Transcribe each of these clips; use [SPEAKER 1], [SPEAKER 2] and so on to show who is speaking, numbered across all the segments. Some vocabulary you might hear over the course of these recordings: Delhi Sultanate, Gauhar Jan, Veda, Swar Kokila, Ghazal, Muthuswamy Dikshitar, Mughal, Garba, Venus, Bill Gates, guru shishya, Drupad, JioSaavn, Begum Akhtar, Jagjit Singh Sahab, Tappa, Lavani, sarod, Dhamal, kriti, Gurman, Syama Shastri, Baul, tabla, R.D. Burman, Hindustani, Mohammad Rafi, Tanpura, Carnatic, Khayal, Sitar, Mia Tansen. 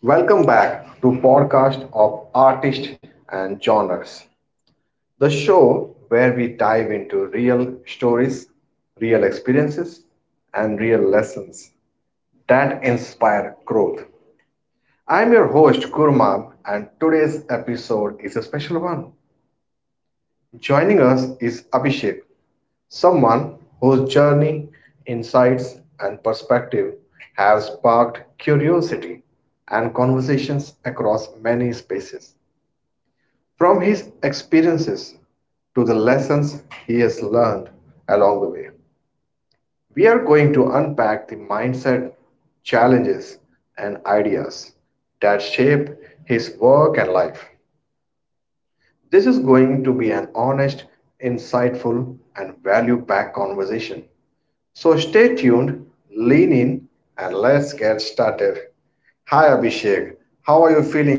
[SPEAKER 1] Welcome back to podcast of artists and genres, the show where we dive into real stories, real experiences, and real lessons that inspire growth. I'm your host Kurman, and today's episode is a special one. Joining us is Abhishek, someone whose journey, insights, and perspective have sparked curiosity and conversations across many spaces. From his experiences to the lessons he has learned along the way. We are going to unpack the mindset, challenges, and ideas that shape his work and life. This is going to be an honest, insightful, and value packed conversation. So stay tuned, lean in, and let's get started. Hi, Abhishek. How are you feeling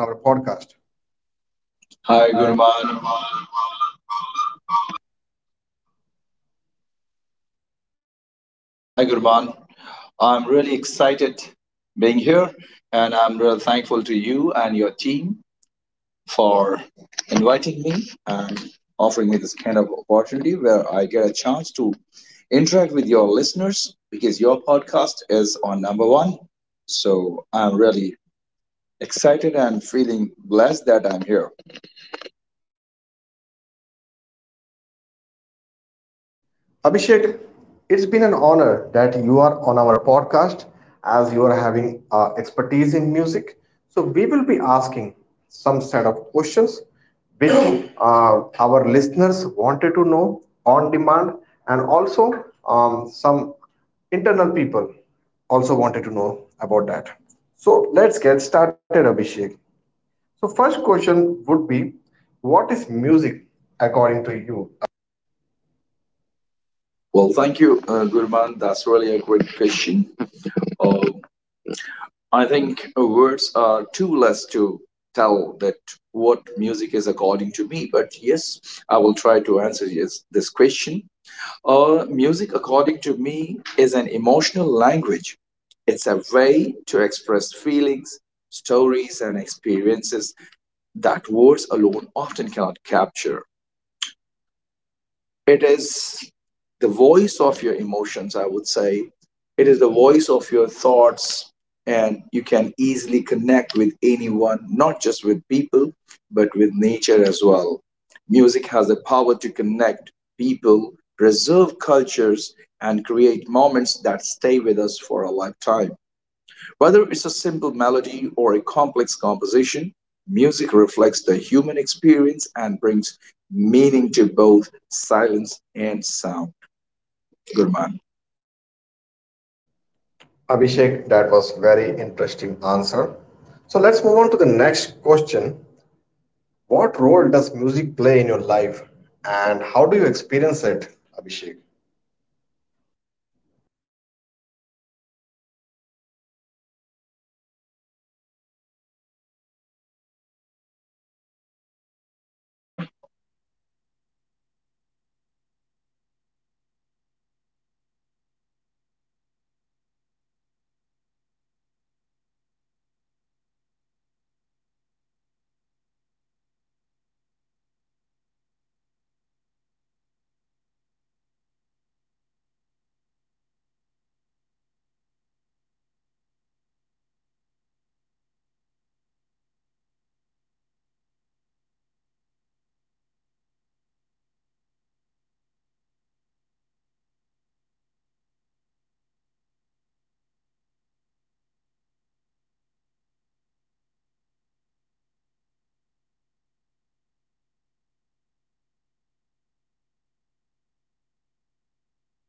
[SPEAKER 1] on our podcast?
[SPEAKER 2] Hi, Gurman. Hi, Gurman. I'm really excited being here, and I'm real thankful to you and your team for inviting me and offering me this kind of opportunity where I get a chance to interact with your listeners because your podcast is on number one. So I'm really excited and feeling blessed that I'm here.
[SPEAKER 1] Abhishek, it's been an honor that you are on our podcast, as you are having expertise in music. So we will be asking some set of questions which uh, our listeners wanted to know on demand, and also some internal people also wanted to know about that. So let's get started, Abhishek. So first question would be, what is music according to you?
[SPEAKER 2] Well, thank you, Gurman. That's really a great question. Uh, I think words are too less to tell that what music is according to me. But yes, I will try to answer yes, this question. Music, according to me, is an emotional language. It's a way to express feelings, stories, and experiences that words alone often cannot capture. It is the voice of your emotions, I would say. It is the voice of your thoughts, and you can easily connect with anyone, not just with people, but with nature as well. Music has the power to connect people, preserve cultures, and create moments that stay with us for a lifetime. Whether it's a simple melody or a complex composition, music reflects the human experience and brings meaning to both silence and sound. Good man.
[SPEAKER 1] Abhishek, that was very interesting answer. So let's move on to the next question. What role does music play in your life, and how do you experience it, Abhishek?
[SPEAKER 2] Um, Answering this question means a lot to me. And I would say that uh, the role of music in my life can stand for everything because I do not find myself anywhere without music. Music is everything for me, and I think God has made me to serve music, to enjoy music. Uh, to me, it is a universal language. It goes beyond words, culture, and boundaries. It's a form of expression that captures emotions we often can't articulate, whether it's joy or a pain or celebration or reflection.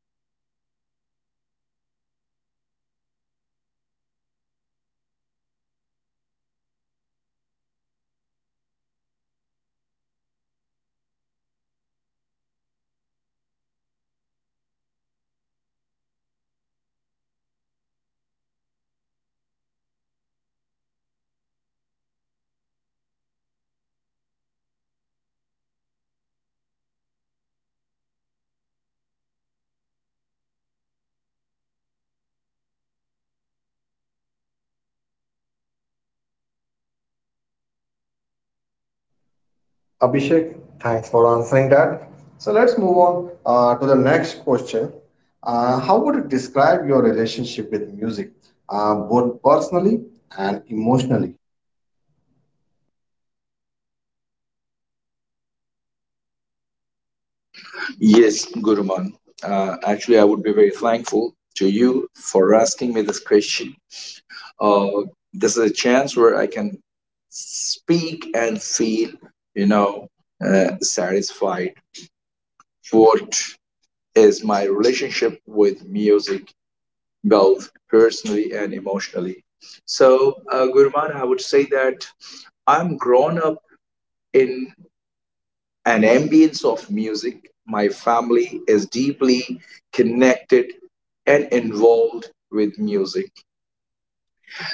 [SPEAKER 2] It has the power to connect people and moments across time. I say it not just as entertainment, but as a companion. Sometimes I find music as a storyteller and sometimes even a healer. When I am in grief, when I'm not clear with thoughts, when I'm confused, when I'm sad, music works as a healer for me. It reflects who we are, I would say, where we come from, and how we experience the world, Gurman.
[SPEAKER 1] Abhishek, thanks for answering that. So let's move on to the next question. How would you describe your relationship with music, both personally and emotionally?
[SPEAKER 2] Yes, Guruman. Actually, I would be very thankful to you for asking me this question. Uh, this is a chance where I can speak and feel, you know, satisfied. What is my relationship with music, both personally and emotionally? So, Guruman, I would say that I'm grown up in and ambience of music, my family is deeply connected and involved with music.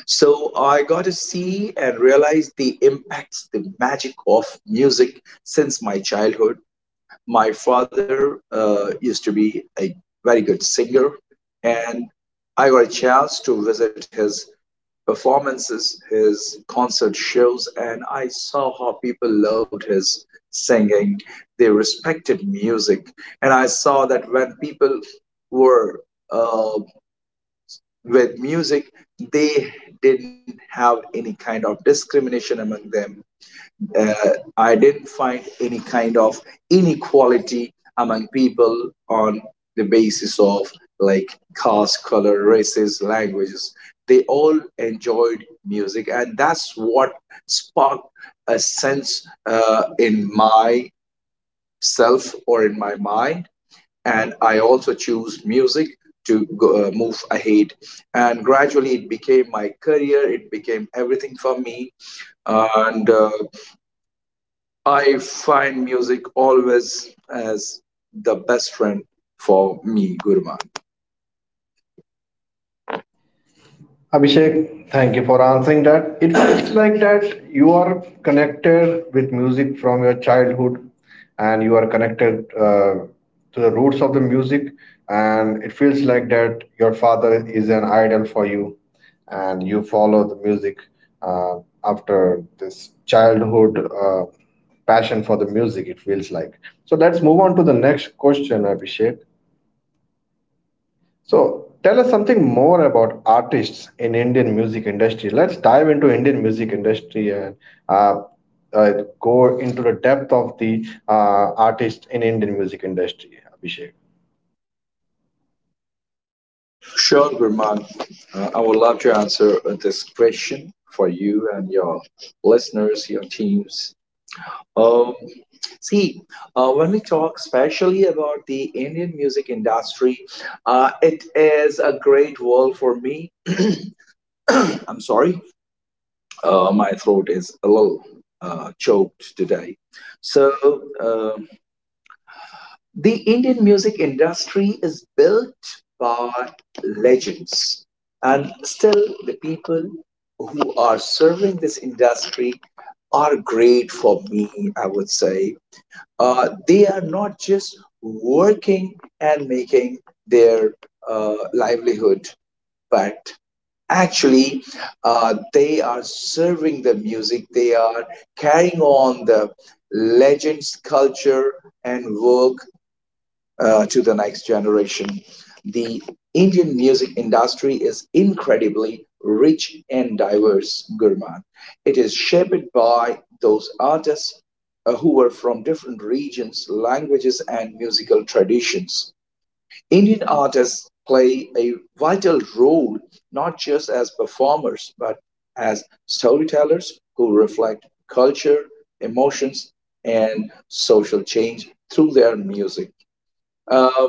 [SPEAKER 2] So I got to see and realize the impacts, the magic of music since my childhood. My father used to be a very good singer, and I got a chance to visit his performances, his concert shows, and I saw how people loved his singing. They respected music, and I saw that when people were uh, with music, they didn't have any kind of discrimination among them. uh, I didn't find any kind of inequality among people on the basis of like caste, color, races, languages. They all enjoyed music, and that's what sparked a sense in myself or in my mind. And I also choose music to go, move ahead. And gradually, it became my career. It became everything for me, and I find music always as the best friend for me, Gurman.
[SPEAKER 1] Abhishek, thank you for answering that. It feels like that you are connected with music from your childhood, and you are connected to the roots of the music, and it feels like that your father is an idol for you, and you follow the music uh, after this childhood passion for the music, it feels like. So let's move on to the next question, Abhishek. So tell us something more about artists in Indian music industry. Let's dive into Indian music industry and uh, uh, go into the depth of the artist in Indian music industry, Abhishek.
[SPEAKER 2] Sure, Gurman, I would love to answer this question for you and your listeners, your teams. Um, See, when we talk especially about the Indian music industry, it is a great world for me. I'm sorry, my throat is a little choked today. So, um the Indian music industry is built by legends, and still, the people who are serving this industry are great for me, I would say. They are not just working and making their livelihood, but actually, they are serving the music, they are carrying on the legends, culture, and work to the next generation. The Indian music industry is incredibly rich and diverse, Gurman. It is shaped by those artists who were from different regions, languages, and musical traditions. Indian artists play a vital role not just as performers but as storytellers who reflect culture, emotions, and social change through their music. Uh,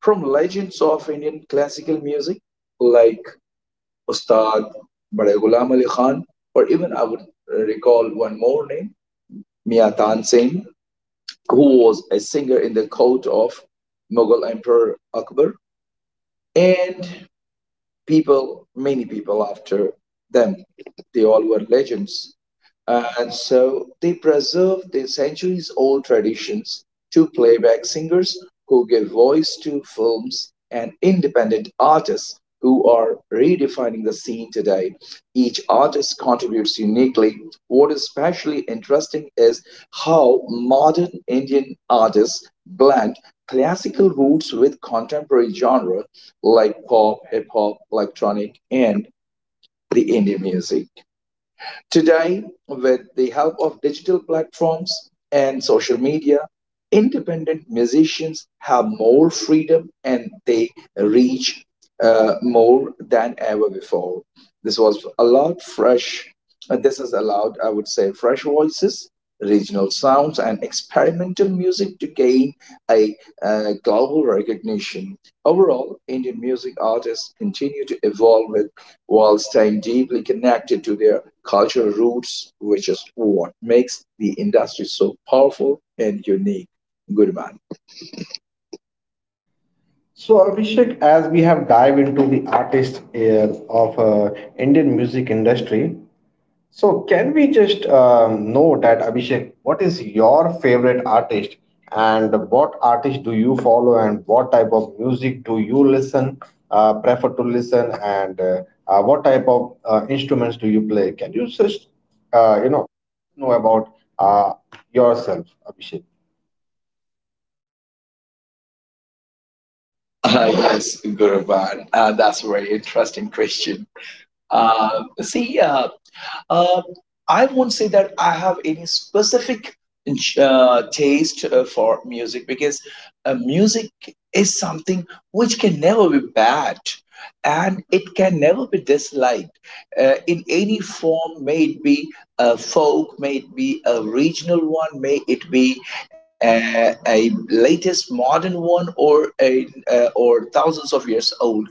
[SPEAKER 2] from legends of Indian classical music like Ustad Bade Ghulam Ali Khan, or even I would recall one more name, Mia Tansen, who was a singer in the court of Mughal Emperor Akbar, and people, many people after them, they all were legends. And so they preserve the centuries old traditions to playback singers who give voice to films and independent artists who are redefining the scene today. Each artist contributes uniquely. What is especially interesting is how modern Indian artists blend classical roots with contemporary genre like pop, hip hop, electronic, and the indie music. Today, with the help of digital platforms and social media, independent musicians have more freedom and they reach more than ever before. This was allowed fresh, this has allowed, I would say, fresh voices, regional sounds, and experimental music to gain a global recognition. Overall, Indian music artists continue to evolve with, while staying deeply connected to their cultural roots, which is what makes the industry so powerful and unique. Gurman.
[SPEAKER 1] So Abhishek, as we have dive into the artists of Indian music industry, so can we just know that, Abhishek, what is your favorite artist, and what artist do you follow, and what type of music do you listen, prefer to listen, and what type of instruments do you play? Can you just, uh, you know, know about yourself, Abhishek?
[SPEAKER 2] Yes, Gurman. That's a very interesting question. See, Um, I won't say that I have any specific taste for music because music is something which can never be bad and it can never be disliked in any form, may it be a folk, may it be a regional one, may it be a latest modern one or or thousands of years old.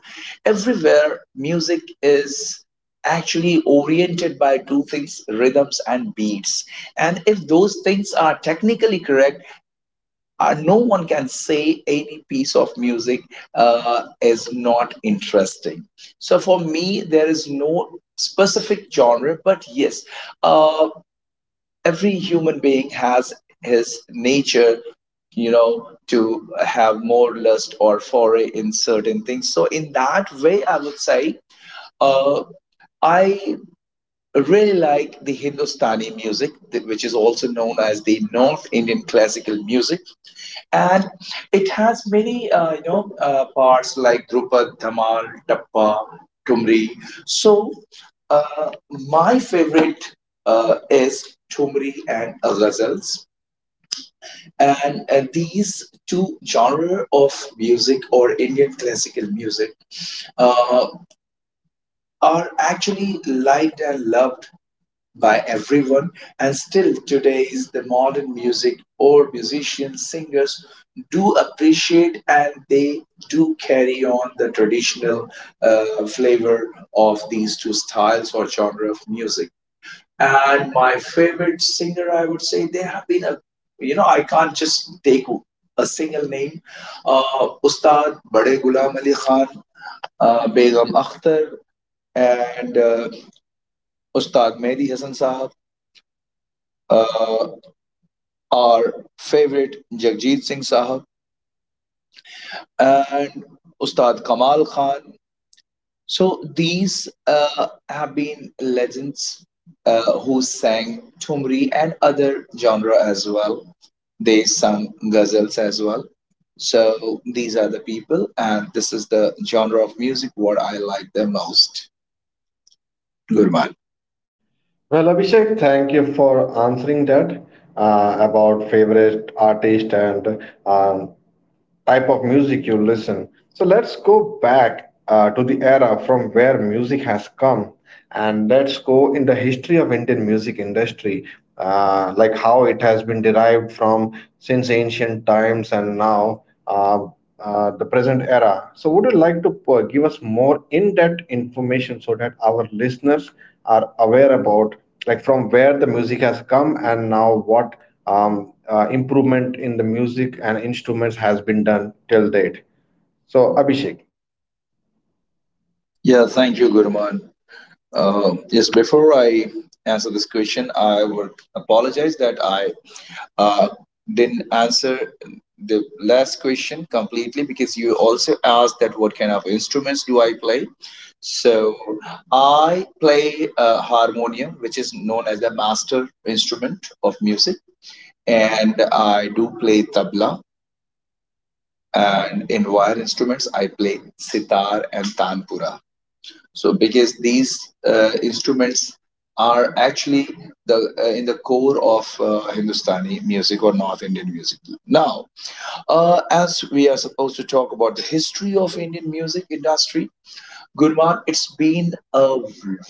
[SPEAKER 2] Everywhere music is actually oriented by two things, rhythms and beats, and if those things are technically correct, no one can say any piece of music is not interesting. So for me there is no specific genre, but yes, uh, every human being has his nature you know to have more lust or foray in certain things so in that way I would say uh, i I really like the Hindustani music, which is also known as the North Indian classical music, and it has many you know parts like Drupad, Dhamal, Tappa, Tumri. So my favorite is Tumri and Ghazals, and these two genre of music or Indian classical music uh, are actually liked and loved by everyone, and still today is the modern music or musicians singers do appreciate and they do carry on the traditional flavor of these two styles or genre of music. And my favorite singer, I would say there have been a, you know, I can't just take a single name. uh, Ustad Bade Ghulam Ali Khan, Begum Akhtar, and Ustad Mehdi Hasan Sahab, our favorite Jagjit Singh Sahab, and Ustad Kamal Khan. So these have been legends who sang Tumri and other genre as well. They sang ghazals as well. So these are the people, and this is the genre of music what I like the most. Gurman.
[SPEAKER 1] Well, Abhishek, thank you for answering that about favorite artist, and type of music you listen. So let's go back to the era from where music has come, and let's go in the history of Indian music industry, like how it has been derived from since ancient times, and now the present era. So would you like to give us more in-depth information so that our listeners are aware about, like, from where the music has come, and now what improvement in the music and instruments has been done till date. So Abhishek.
[SPEAKER 2] Yeah, thank you, Gurman. Yes, before I answer this question, I would apologize that I uh, didn't answer the last question completely because you also asked that what kind of instruments do I play. So I play a harmonium, which is known as the master instrument of music, and I do play tabla. And in wire instruments, I play sitar and tanpura. So because these instruments are actually the in the core of Hindustani music or North Indian music. Now, as we are supposed to talk about the history of Indian music industry, Gurman, it's been a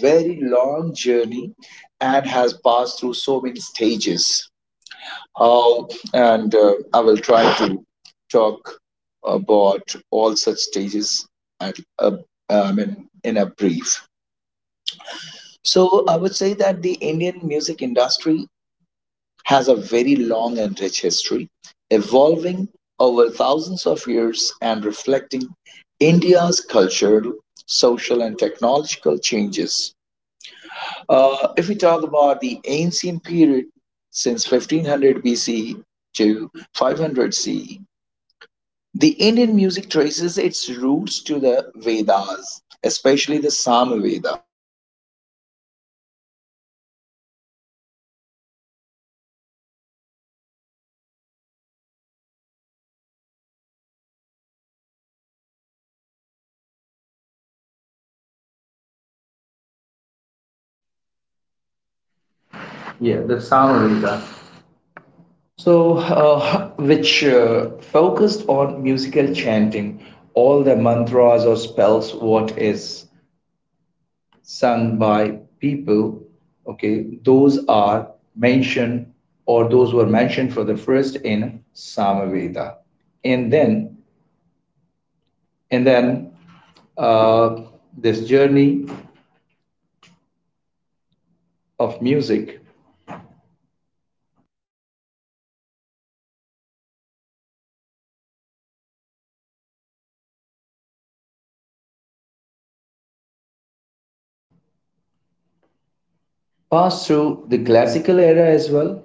[SPEAKER 2] very long journey and has passed through so many stages. How and I will try to talk about all such stages at I mean, in a brief. So I would say that the Indian music industry has a very long and rich history, evolving over thousands of years and reflecting India's cultural, social, and technological changes. If we talk about the ancient period since 1500 BC to 500 CE, the Indian music traces its roots to the Vedas, especially the Samaveda
[SPEAKER 1] Yeah, the Samaveda. So, which focused on musical chanting, all the mantras or spells, what is sung by people, okay, those are mentioned or those were mentioned for the first in Samaveda. And then, and then uh, this journey of music passed through the classical era as well.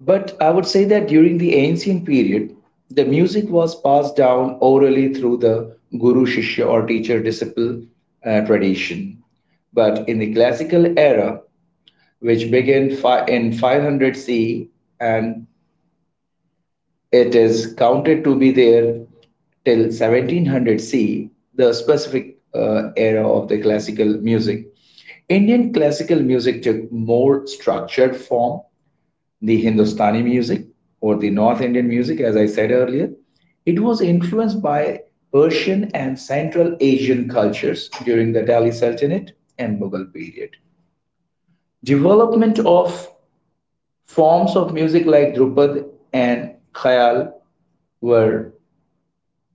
[SPEAKER 1] But I would say that during the ancient period, the music was passed down orally through the guru shishya or teacher disciple tradition. But in the classical era, which began in 500 CE, and it is counted to be there till 1700 C, the specific era of the classical music. Indian classical music took more structured form, the Hindustani music or the North Indian music, as I said earlier. It was influenced by Persian and Central Asian cultures during the Delhi Sultanate and Mughal period. Development of forms of music like Drupad and Khayal were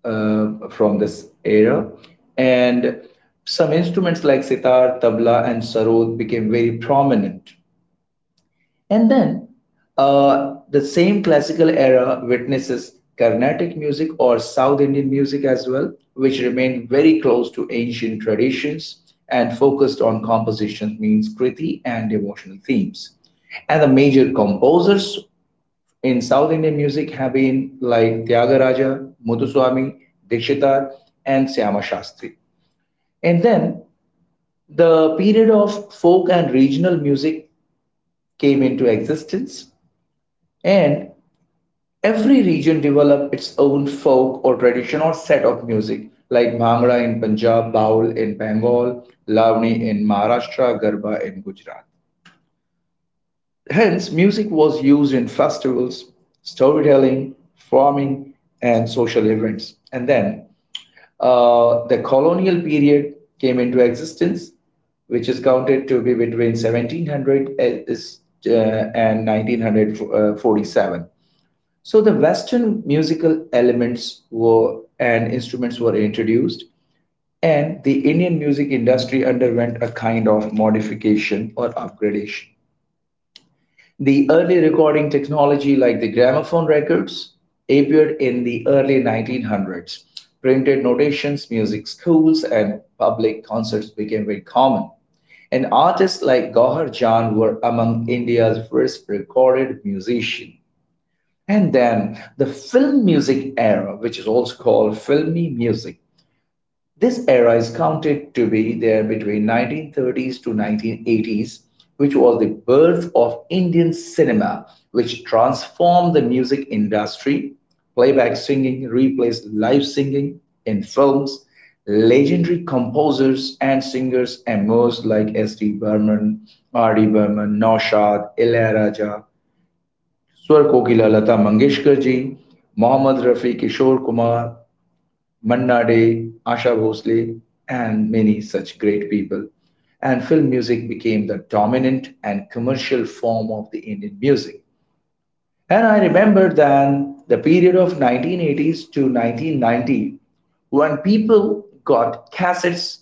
[SPEAKER 1] from this era. And some instruments like sitar, tabla, and sarod became very prominent. And then the same classical era witnesses Carnatic music or South Indian music as well, which remained very close to ancient traditions and focused on compositions means kriti and devotional themes. And the major composers in South Indian music have been like Tyagaraja, Muthuswamy, Dikshitar, and Syama Shastri. And then the period of folk and regional music came into existence, and every region developed its own folk or tradition or set of music, like Bhangra in Punjab, Baul in Bengal, Lavani in Maharashtra, Garba in Gujarat. Hence, music was used in festivals, storytelling, farming, and social events. And then the colonial period came into existence, which is counted to be between 1700 and 1947. So the Western musical elements were and instruments were introduced, and the Indian music industry underwent a kind of modification or upgradation. The early recording technology, like the gramophone records, appeared in the early 1900s. Printed notations, music schools, and public concerts became very common. And artists like Gauhar Jan were among India's first recorded musicians. And then the film music era, which is also called filmy music, this era is counted to be there between 1930s to 1980s, which was the birth of Indian cinema, which transformed the music industry. Playback singing replaced live singing in films. Legendary composers and singers emerged like S.D. Burman, R.D. Burman, Naushad, Ilaiyaraaja, Swar Kokila Lata Mangeshkar ji, Mohammad Rafi, Kishore Kumar, Manna Day, Asha Bhosle, and many such great people. And film music became the dominant and commercial form of the Indian music. And I remember then the period of 1980s to 1990, when people got cassettes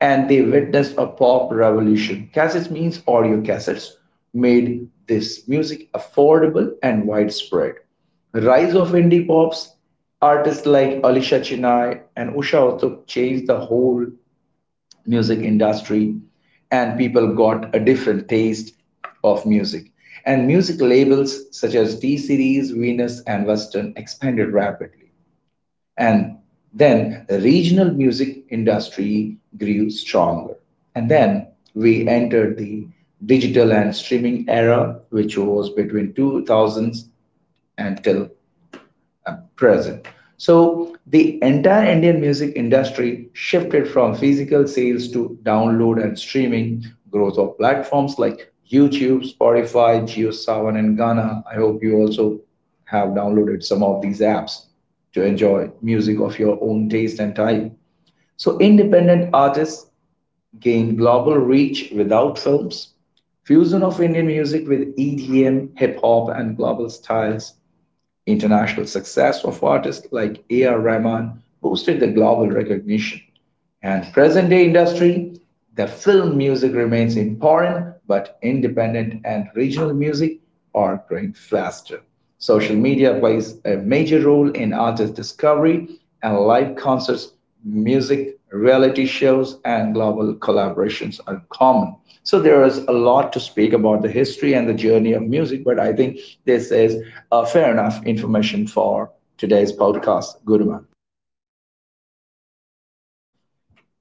[SPEAKER 1] and they witnessed a pop revolution. Cassettes means audio cassettes made this music affordable and widespread. Rise of indie pops, artists like Alisha Chennai and Usha Uthup changed the whole music industry, and people got a different taste of music. And music labels such as T Series, Venus, and Western expanded rapidly. And then the regional music industry grew stronger. And then we entered the digital and streaming era, which was between 2000s until present. So the entire Indian music industry shifted from physical sales to download and streaming, growth of platforms like YouTube, Spotify, JioSaavn and Gaana. I hope you also have downloaded some of these apps to enjoy music of your own taste and type. So independent artists gain global reach without films. Fusion of Indian music with EDM, hip hop and global styles. International success of artists like A.R. Rahman boosted the global recognition, and present day industry, the film music remains important, but independent and regional music are growing faster. Social media plays a major role in artist discovery, and live concerts, music, reality shows, and global collaborations are common. So there is a lot to speak about the history and the journey of music, but I think this is fair enough information for today's podcast. Guruman.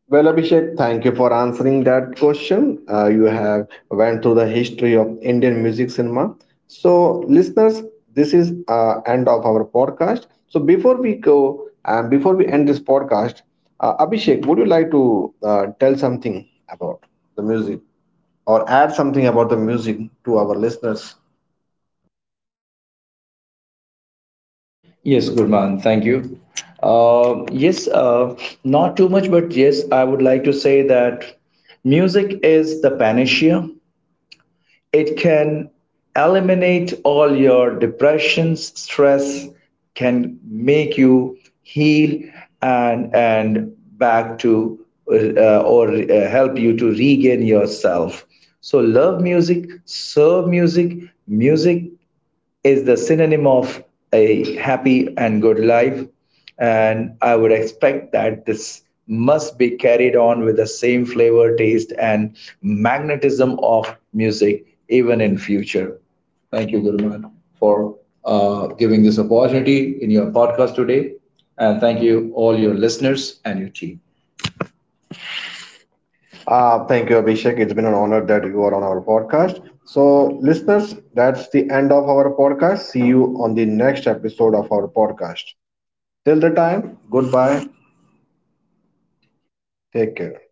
[SPEAKER 1] Well, Abhishek, thank you for answering that question. You have went through the history of Indian music cinema. So, listeners, this is end of our podcast. So, before we go and before we end this podcast, Abhishek, would you like to tell something about the music, or add something about the music to our listeners? Yes, Gurman, thank you. Yes, not too much, but yes, I would like to say that music is the panacea. It can eliminate all your depressions, stress, can make you heal, and back to, or help you to regain yourself. So love music, serve music. Music is the synonym of a happy and good life. And I would expect that this must be carried on with the same flavor, taste, and magnetism of music even in future. Thank you, Guruman, for giving this opportunity in your podcast today. And thank you, all your listeners and your team. Thank you, Abhishek. It's been an honor that you are on our podcast. So, listeners, that's the end of our podcast. See you on the next episode of our podcast. Till the time, goodbye. Take care.